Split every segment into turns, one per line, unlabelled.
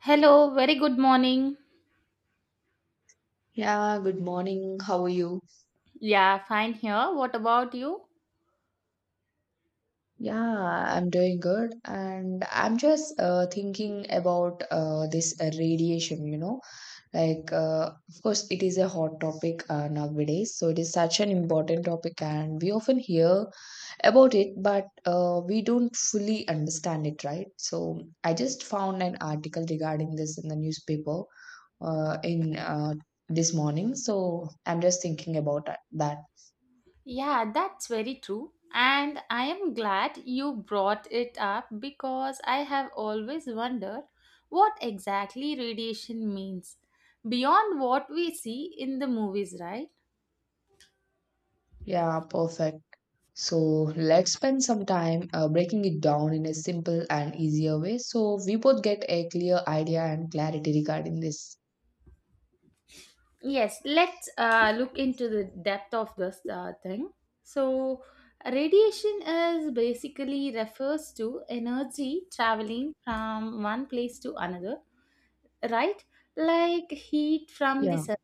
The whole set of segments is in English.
Hello, very good morning.
Yeah, good morning. How are you?
Yeah, fine here. What about you?
Yeah, I'm doing good. And I'm just thinking about this radiation, you know, like, of course, it is a hot topic nowadays. So it is such an important topic, and we often hear about it, but we don't fully understand it, right? So I just found an article regarding this in the newspaper in this morning. So I'm just thinking about that.
Yeah, that's very true. And I am glad you brought it up because I have always wondered what exactly radiation means beyond what we see in the movies, right?
Yeah, perfect. So let's spend some time breaking it down in a simple and easier way so we both get a clear idea and clarity regarding this.
Yes, let's look into the depth of this thing. So, radiation is basically refers to energy traveling from one place to another, right, like heat from the
Yeah.
sun.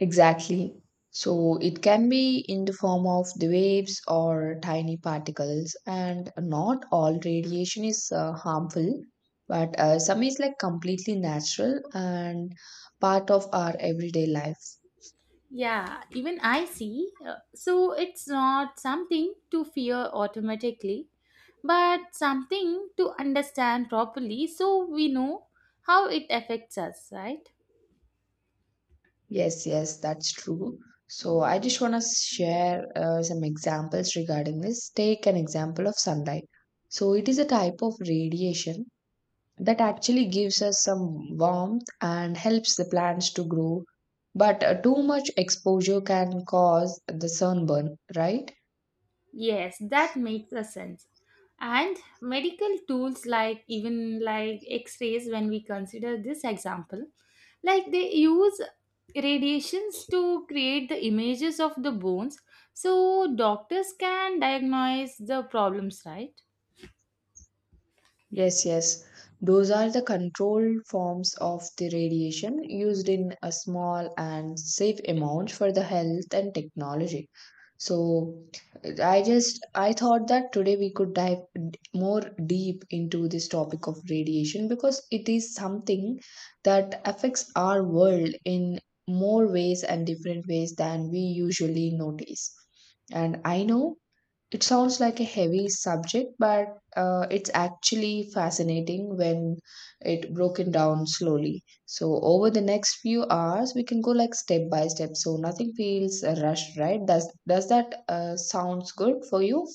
Exactly. So it can be in the form of the waves or tiny particles, and not all radiation is harmful, but some is like completely natural and part of our everyday life.
Yeah, even I see. So it's not something to fear automatically, but something to understand properly so we know how it affects us, right?
Yes, yes, that's true. So I just want to share some examples regarding this. Take an example of sunlight. So it is a type of radiation that actually gives us some warmth and helps the plants to grow. But too much exposure can cause the sunburn, right?
Yes, that makes a sense. And medical tools like even like x-rays when we consider this example, like they use radiations to create the images of the bones so doctors can diagnose the problems, right?
Yes, yes. Those are the controlled forms of the radiation used in a small and safe amount for the health and technology. So I thought that today we could dive more deep into this topic of radiation because it is something that affects our world in more ways and different ways than we usually notice. And I know it sounds like a heavy subject, but it's actually fascinating when it broken down slowly. So over the next few hours, we can go like step by step, so nothing feels rushed, right? Does that sounds good for you?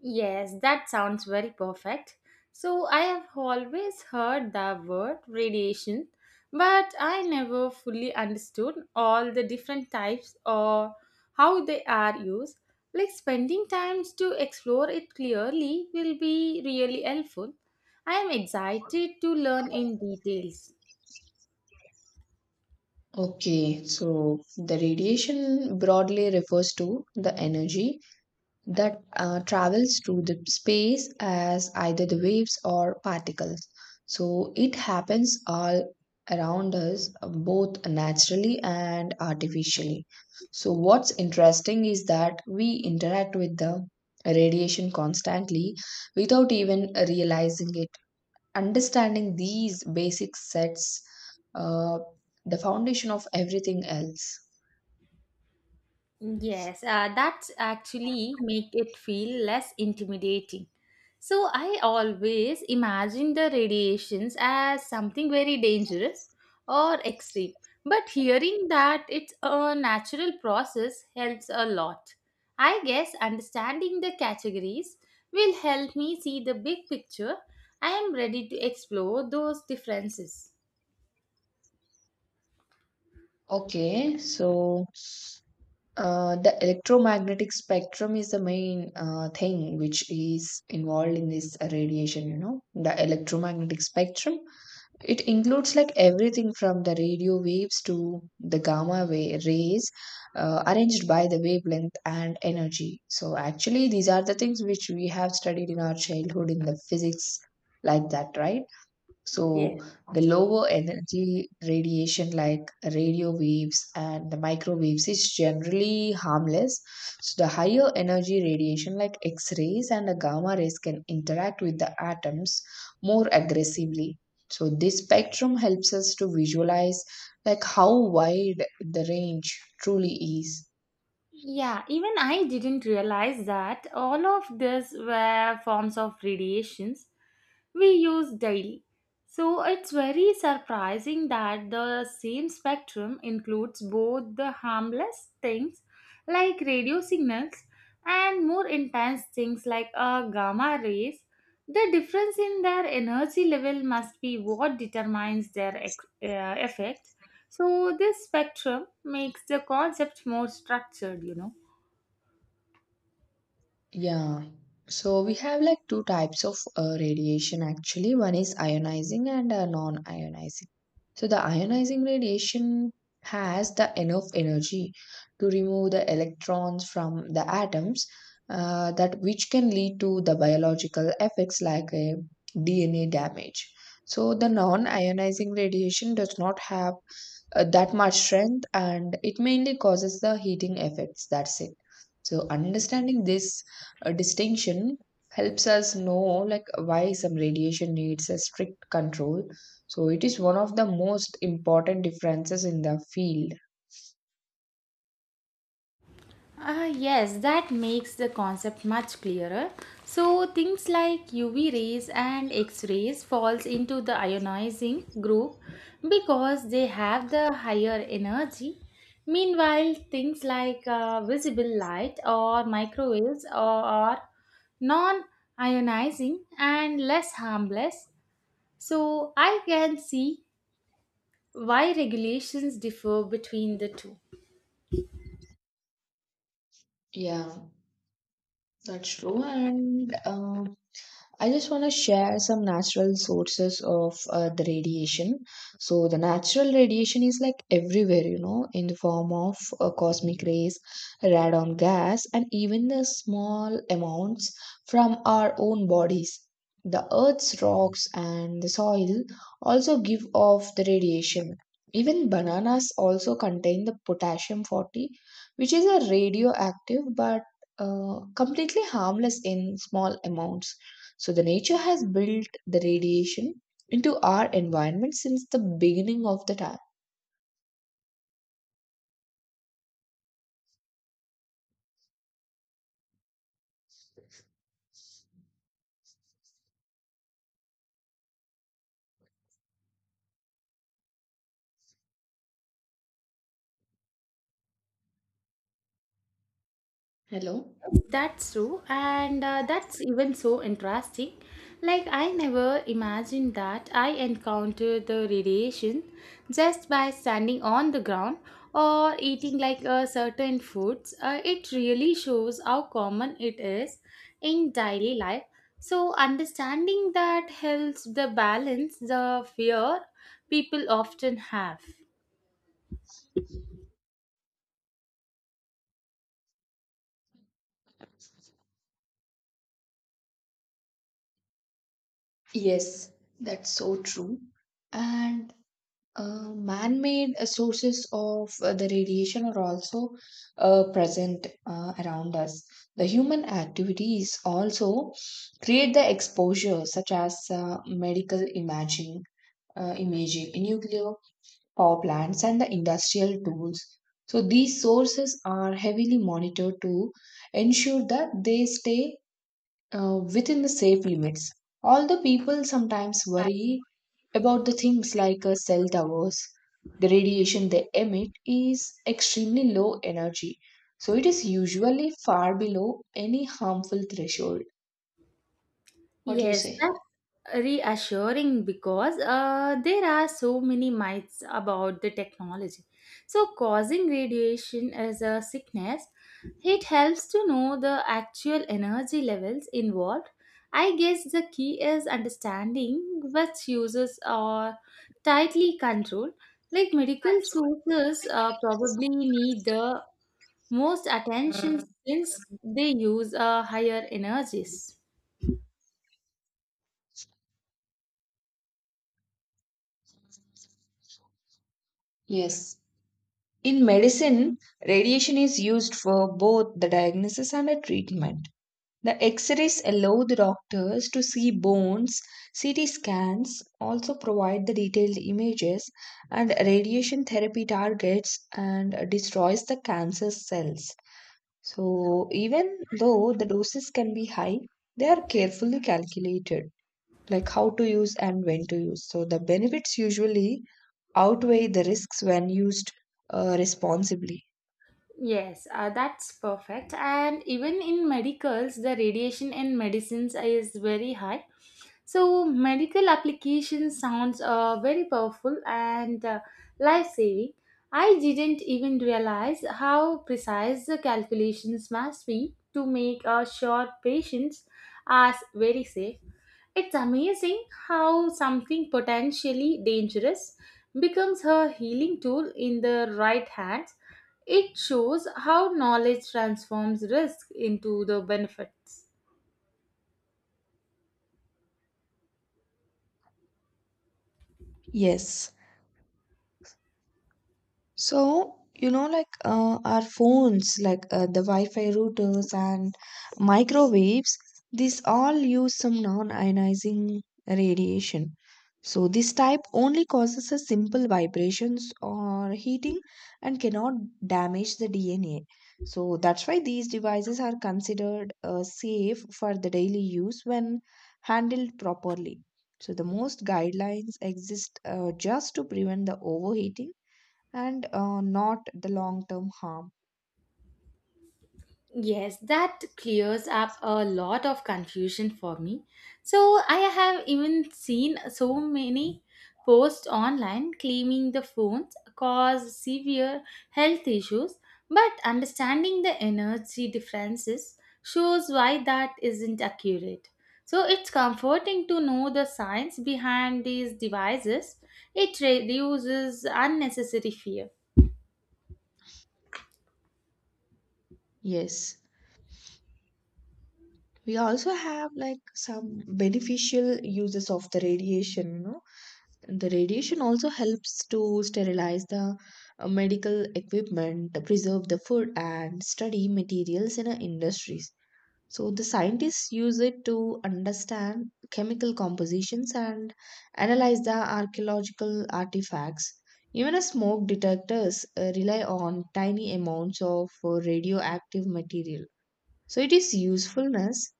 Yes, that sounds very perfect. So, I have always heard the word radiation, but I never fully understood all the different types or how they are used. Like, spending time to explore it clearly will be really helpful. I am excited to learn in details.
Okay, so the radiation broadly refers to the energy that travels through the space as either the waves or particles. So it happens all around us, both naturally and artificially. So, what's interesting is that we interact with the radiation constantly without even realizing it. Understanding these basic sets uh, the foundation of everything else.
Yes, that actually make it feel less intimidating. So I always imagine the radiations as something very dangerous or extreme. But hearing that it's a natural process helps a lot. I guess understanding the categories will help me see the big picture. I am ready to explore those differences.
Okay, so the electromagnetic spectrum is the main thing which is involved in this radiation, you know, the electromagnetic spectrum, it includes like everything from the radio waves to the gamma way rays arranged by the wavelength and energy. So actually these are the things which we have studied in our childhood in the physics like that, right? So
Yes.
the lower energy radiation like radio waves and the microwaves is generally harmless. So the higher energy radiation like X-rays and the gamma rays can interact with the atoms more aggressively. So this spectrum helps us to visualize like how wide the range truly is.
Yeah, even I didn't realize that all of these were forms of radiations we use daily. So it's very surprising that the same spectrum includes both the harmless things like radio signals and more intense things like gamma rays. The difference in their energy level must be what determines their effect, so this spectrum makes the concept more structured, you know.
Yeah. So we have like two types of radiation actually. One is ionizing and non-ionizing. So the ionizing radiation has the enough energy to remove the electrons from the atoms that which can lead to the biological effects like a DNA damage. So the non-ionizing radiation does not have that much strength, and it mainly causes the heating effects, that's it. So understanding this distinction helps us know like why some radiation needs a strict control. So it is one of the most important differences in the field.
Ah, yes, that makes the concept much clearer. So things like UV rays and X-rays falls into the ionizing group because they have the higher energy. Meanwhile, things like visible light or microwaves are non-ionizing and less harmless. So I can see why regulations differ between the two.
Yeah, that's true. And I just want to share some natural sources of the radiation. So, the natural radiation is like everywhere, you know, in the form of cosmic rays, radon gas, and even the small amounts from our own bodies. The earth's rocks and the soil also give off the radiation. Even bananas also contain the potassium 40, which is a radioactive but completely harmless in small amounts. So the nature has built the radiation into our environment since the beginning of the time. Hello?
That's true, and that's even so interesting, like I never imagined that I encountered the radiation just by standing on the ground or eating like a certain foods. It really shows how common it is in daily life, so understanding that helps the balance the fear people often have.
Yes, that's so true. And man made sources of the radiation are also present around us. The human activities also create the exposure, such as uh, imaging, nuclear power plants, and the industrial tools. So these sources are heavily monitored to ensure that they stay within the safe limits. Although people sometimes worry about the things like cell towers, the radiation they emit is extremely low energy. So it is usually far below any harmful threshold. What do you
Yes,
say?
reassuring because there are so many myths about the technology. So, causing radiation as a sickness, it helps to know the actual energy levels involved. I guess the key is understanding which uses are tightly controlled. Like medical sources probably need the most attention since they use higher energies.
Yes. In medicine, radiation is used for both the diagnosis and the treatment. The X-rays allow the doctors to see bones. CT scans also provide the detailed images, and radiation therapy targets and destroys the cancer cells. So even though the doses can be high, they are carefully calculated, like how to use and when to use. So the benefits usually outweigh the risks when used responsibly.
Yes, that's perfect. And even in medicals, the radiation in medicines is very high. So medical application sounds very powerful and life-saving. I didn't even realize how precise the calculations must be to make sure patients are very safe. It's amazing how something potentially dangerous becomes her healing tool in the right hands. It shows how knowledge transforms risk into the benefits.
Yes. So, you know, like our phones, like the Wi Fi routers and microwaves, these all use some non ionizing radiation. So, this type only causes a simple vibrations or heating and cannot damage the DNA. So, that's why these devices are considered safe for the daily use when handled properly. So, the most guidelines exist just to prevent the overheating and not the long term harm.
Yes, that clears up a lot of confusion for me. So, I have even seen so many posts online claiming the phones cause severe health issues, but understanding the energy differences shows why that isn't accurate. So, it's comforting to know the science behind these devices, it reduces unnecessary fear.
Yes. We also have like some beneficial uses of the radiation, you know. The radiation also helps to sterilize the medical equipment, preserve the food, and study materials in our industries. So the scientists use it to understand chemical compositions and analyze the archaeological artifacts. Even a smoke detectors rely on tiny amounts of radioactive material. So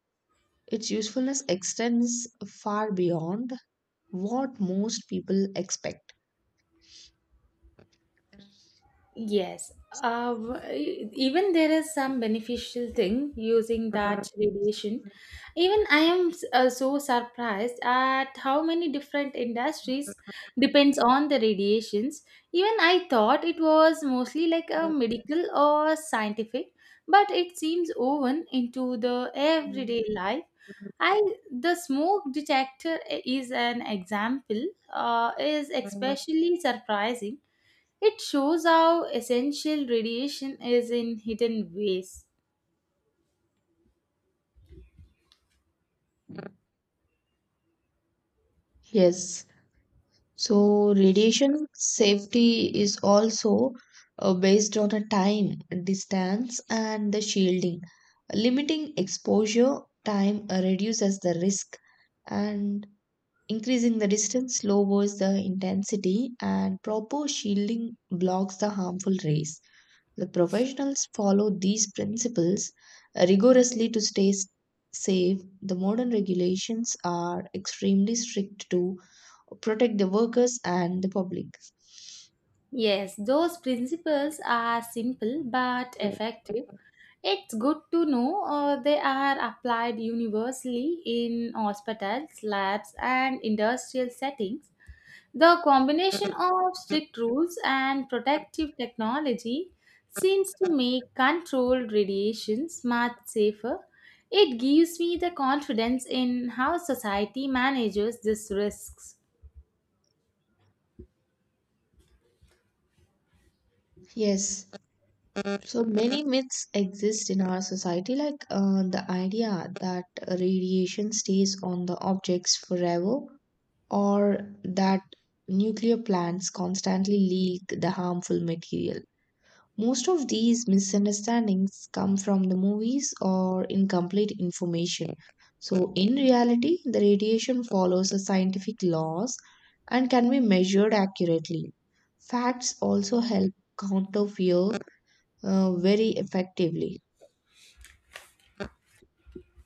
its usefulness extends far beyond what most people expect.
Yes, even there is some beneficial thing using that radiation. Even I am so surprised at how many different industries depends on the radiations. Even I thought it was mostly like a medical or scientific, but it seems woven into the everyday life. I, the smoke detector is an example, is especially surprising. It shows how essential radiation is in hidden ways.
Yes. So, radiation safety is also based on a time, distance, and the shielding. Limiting exposure time reduces the risk, and increasing the distance lowers the intensity, and proper shielding blocks the harmful rays. The professionals follow these principles rigorously to safe. The modern regulations are extremely strict to protect the workers and the public.
Yes, those principles are simple but effective. It's good to know they are applied universally in hospitals, labs, and industrial settings. The combination of strict rules and protective technology seems to make controlled radiations much safer. It gives me the confidence in how society manages these risks.
Yes, so many myths exist in our society, like the idea that radiation stays on the objects forever, or that nuclear plants constantly leak the harmful material. Most of these misunderstandings come from the movies or incomplete information. So, in reality, the radiation follows the scientific laws and can be measured accurately. Facts also help counter fear very effectively.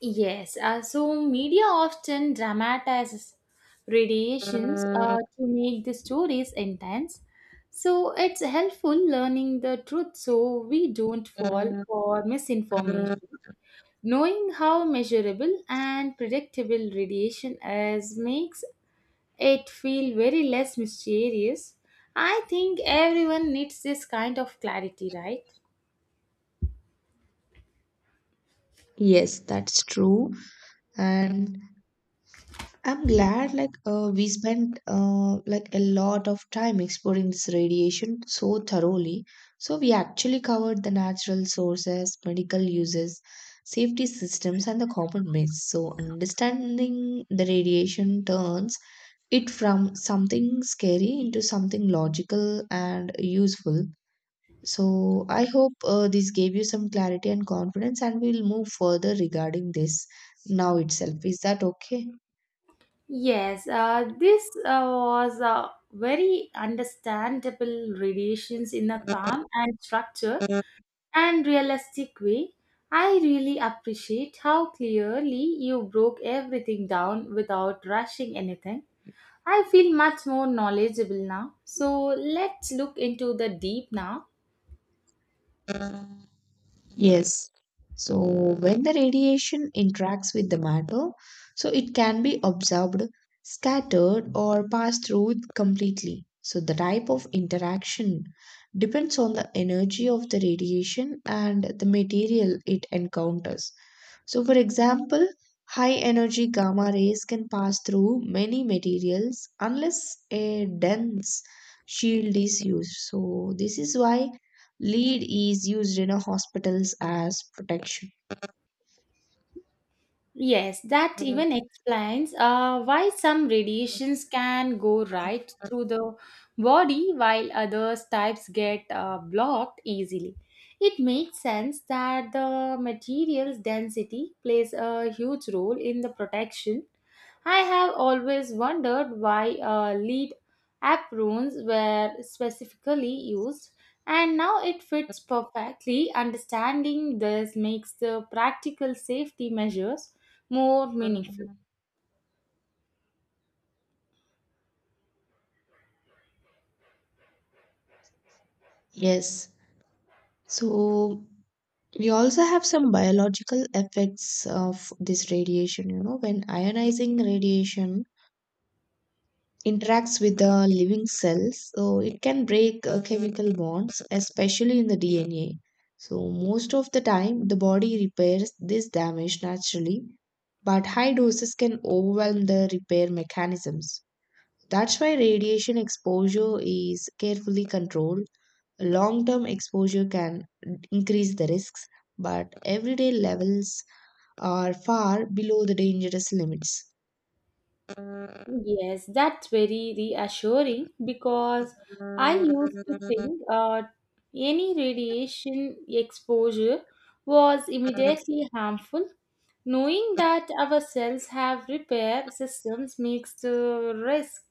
Yes, so media often dramatizes radiations to make the stories intense. So it's helpful learning the truth so we don't fall for misinformation. Knowing how measurable and predictable radiation is makes it feel very less mysterious. I think everyone needs this kind of clarity, right?
Yes, that's true. And I'm glad like we spent like a lot of time exploring this radiation so thoroughly. So we actually covered the natural sources, medical uses, safety systems and the common myths. So understanding the radiation turns it from something scary into something logical and useful. So I hope this gave you some clarity and confidence, and we'll move further regarding this now itself. Is that okay?
Yes, this was a very understandable radiations in a calm and structure and realistic way. I really appreciate how clearly you broke everything down without rushing anything. I feel much more knowledgeable now. So let's look into the deep now.
Yes. So when the radiation interacts with the matter, so it can be absorbed, scattered, or passed through completely. So the type of interaction depends on the energy of the radiation and the material it encounters. So, for example, high energy gamma rays can pass through many materials unless a dense shield is used. So, this is why lead is used in a hospitals as protection.
Yes, that even explains why some radiations can go right through the body while others types get blocked easily. It makes sense that the material's density plays a huge role in the protection. I have always wondered why lead aprons were specifically used, and now it fits perfectly. Understanding this makes the practical safety measures more meaningful.
Yes. So we also have some biological effects of this radiation. You know, when ionizing radiation interacts with the living cells, so it can break chemical bonds, especially in the DNA. So most of the time, the body repairs this damage naturally, but high doses can overwhelm the repair mechanisms. That's why radiation exposure is carefully controlled. Long term exposure can increase the risks, but everyday levels are far below the dangerous limits.
Yes, that's very reassuring because I used to think any radiation exposure was immediately harmful. Knowing that our cells have repair systems makes the risk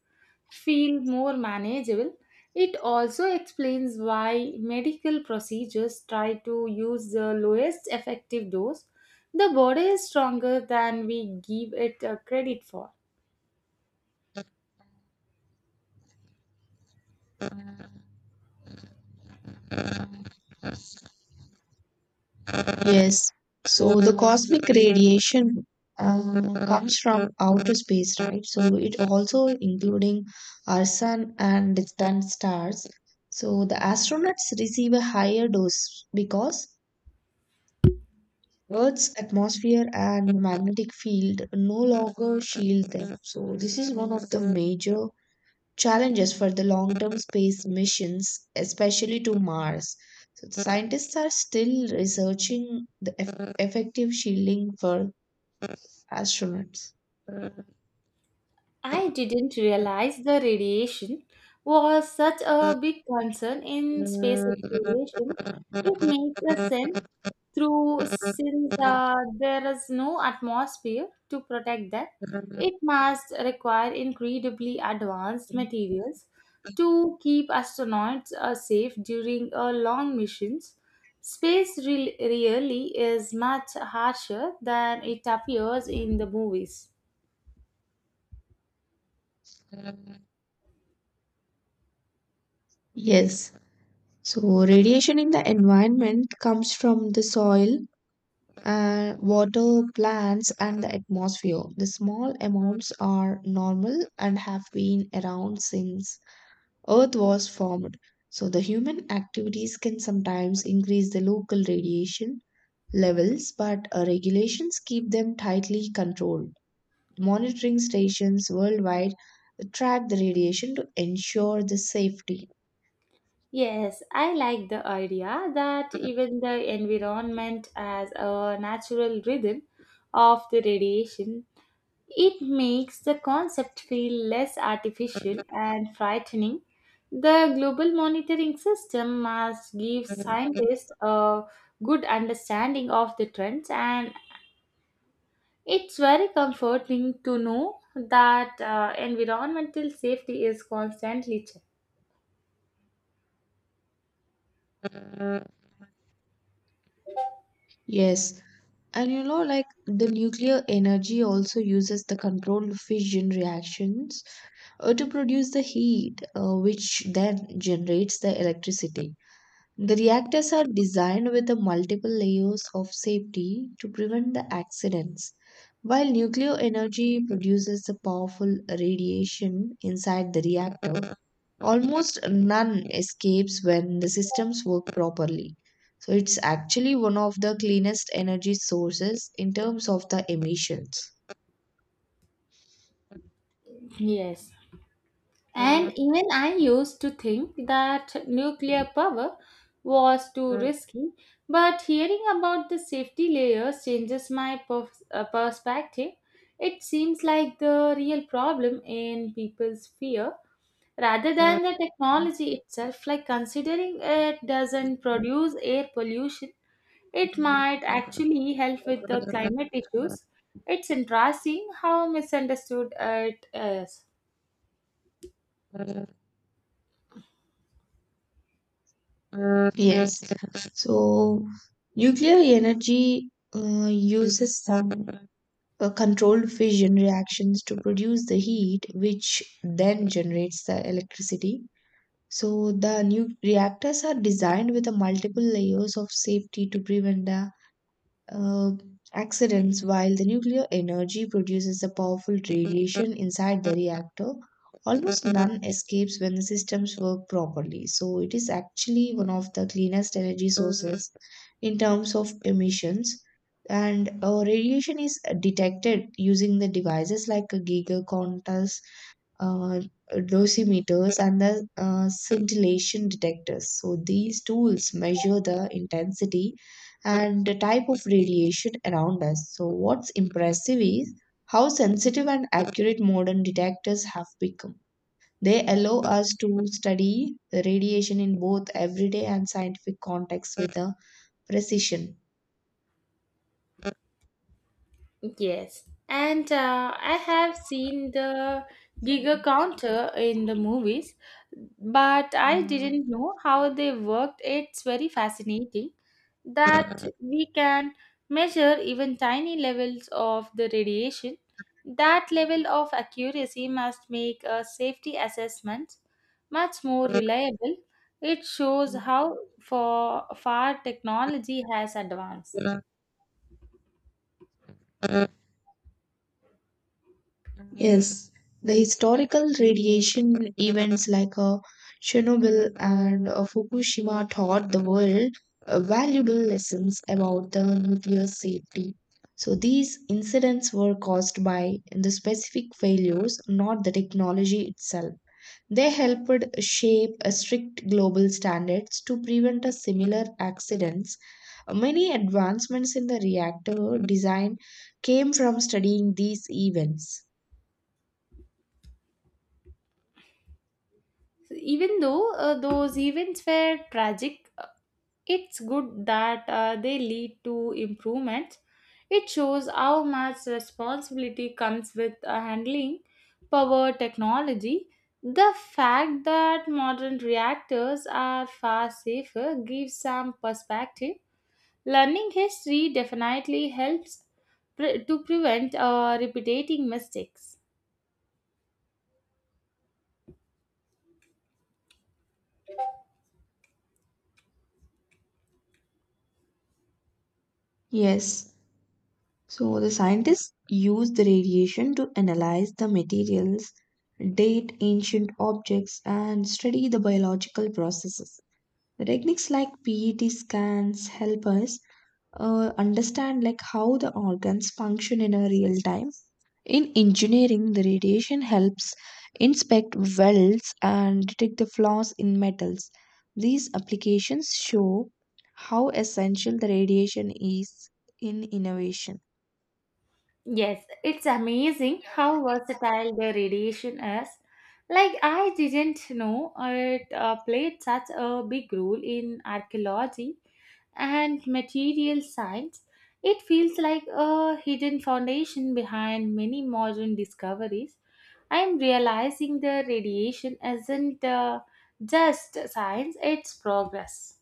feel more manageable. It also explains why medical procedures try to use the lowest effective dose. The body is stronger than we give it credit for.
Yes, so the cosmic radiation comes from outer space, right? So it also including our sun and distant stars. So the astronauts receive a higher dose because Earth's atmosphere and magnetic field no longer shield them. So, this is one of the major challenges for the long term space missions, especially to Mars. So, the scientists are still researching the effective shielding for astronauts.
I didn't realize the radiation was such a big concern in space exploration. It makes a sense through since there is no atmosphere to protect that. It must require incredibly advanced materials to keep astronauts safe during long missions. Space really is much harsher than it appears in the movies.
Yes. So, radiation in the environment comes from the soil, and water, plants, and the atmosphere. The small amounts are normal and have been around since Earth was formed. So, the human activities can sometimes increase the local radiation levels, but regulations keep them tightly controlled. Monitoring stations worldwide track the radiation to ensure the safety.
Yes, I like the idea that even the environment has a natural rhythm of the radiation. It makes the concept feel less artificial and frightening. The global monitoring system must give scientists a good understanding of the trends, and it's very comforting to know that environmental safety is constantly checked.
Yes, and you know, like the nuclear energy also uses the controlled fission reactions to produce the heat, which then generates the electricity. The reactors are designed with the multiple layers of safety to prevent the accidents. While nuclear energy produces the powerful radiation inside the reactor, almost none escapes when the systems work properly. So it's actually one of the cleanest energy sources in terms of the emissions.
Yes. And even I used to think that nuclear power was too risky, but hearing about the safety layers changes my perspective. It seems like the real problem in people's fear rather than the technology itself, like considering it doesn't produce air pollution, it might actually help with the climate issues. It's interesting how misunderstood it is.
Yes. So nuclear energy uses some controlled fission reactions to produce the heat, which then generates the electricity. So the new reactors are designed with a multiple layers of safety to prevent the uh, accidents while the nuclear energy produces a powerful radiation inside the reactor. Almost none escapes when the systems work properly. So it is actually one of the cleanest energy sources in terms of emissions. And radiation is detected using the devices like a Geiger counters, uh, dosimeters and the scintillation detectors. So these tools measure the intensity and the type of radiation around us. So what's impressive is how sensitive and accurate modern detectors have become. They allow us to study the radiation in both everyday and scientific contexts with a precision.
Yes, and I have seen the Giga counter in the movies, but I didn't know how they worked. It's very fascinating that we can measure even tiny levels of the radiation. That level of accuracy must make a safety assessment much more reliable. It shows how far technology has advanced.
Yes, the historical radiation events like Chernobyl and Fukushima taught the world valuable lessons about the nuclear safety. So these incidents were caused by the specific failures, not the technology itself. They helped shape strict global standards to prevent a similar accidents. Many advancements in the reactor design came from studying these events.
Even though those events were tragic, it's good that they lead to improvements. It shows how much responsibility comes with handling power technology. The fact that modern reactors are far safer gives some perspective. Learning history definitely helps to prevent repeating mistakes.
Yes. So the scientists used the radiation to analyze the materials, date ancient objects, and study the biological processes. The techniques like PET scans help us understand like how the organs function in a real time. In engineering, the radiation helps inspect welds and detect the flaws in metals. These applications show how essential the radiation is in innovation.
Yes, it's amazing how versatile the radiation is. Like, I didn't know it played such a big role in archaeology and material science. It feels like a hidden foundation behind many modern discoveries. I'm realizing the radiation isn't just science, it's progress.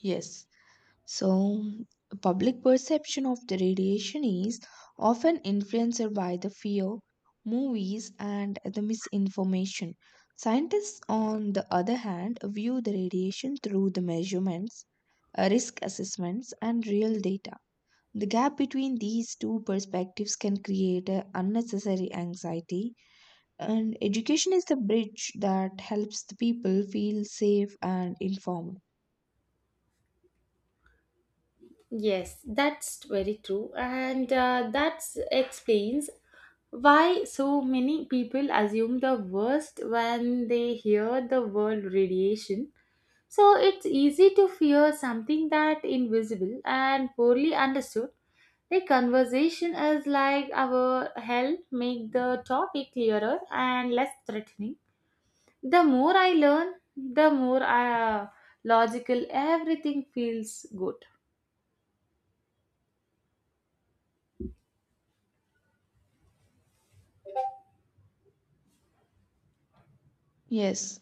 Yes. So, public perception of the radiation is often influenced by the fear, movies, and the misinformation. Scientists, on the other hand, view the radiation through the measurements, risk assessments, and real data. The gap between these two perspectives can create a unnecessary anxiety, and education is the bridge that helps the people feel safe and informed.
Yes, that's very true, and that explains why so many people assume the worst when they hear the word radiation. So it's easy to fear something that invisible and poorly understood. The conversation is like our help make the topic clearer and less threatening. The more I learn, the more logical everything feels good.
Yes,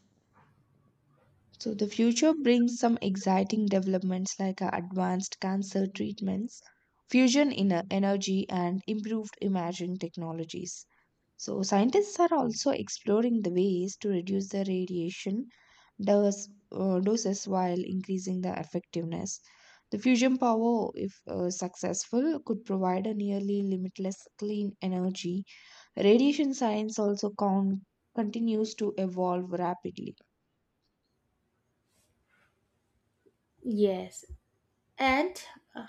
so the future brings some exciting developments like advanced cancer treatments, fusion in energy, and improved imaging technologies. So scientists are also exploring the ways to reduce the radiation doses while increasing the effectiveness. The fusion power, if successful, could provide a nearly limitless clean energy. Radiation science also continues to evolve rapidly.
Yes, and uh,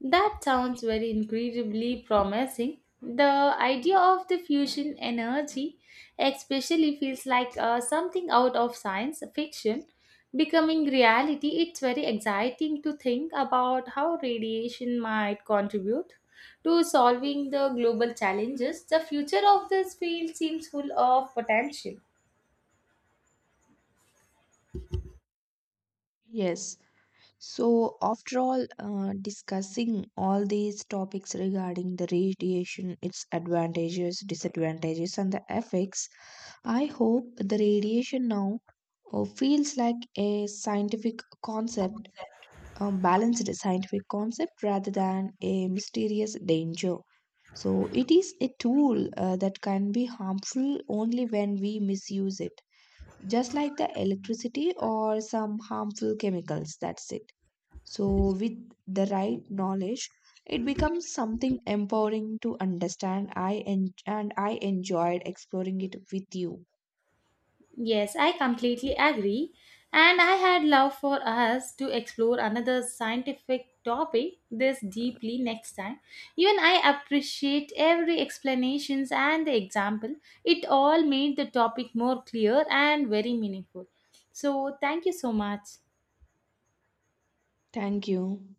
that sounds very incredibly promising. The idea of the fusion energy especially feels like something out of science fiction becoming reality. It's very exciting to think about how radiation might contribute to solving the global challenges. The future of this field seems full of potential.
Yes. So, after all, discussing all these topics regarding the radiation, its advantages, disadvantages, and the effects, I hope the radiation now feels like a scientific concept, a balanced scientific concept rather than a mysterious danger. So, it is a tool that can be harmful only when we misuse it, just like the electricity or some harmful chemicals. That's it. So, with the right knowledge, it becomes something empowering to understand. And I enjoyed exploring it with you.
Yes, I completely agree. And I had love for us to explore another scientific topic this deeply next time. Even I appreciate every explanations and the example. It all made the topic more clear and very meaningful. So thank you so much.
Thank you.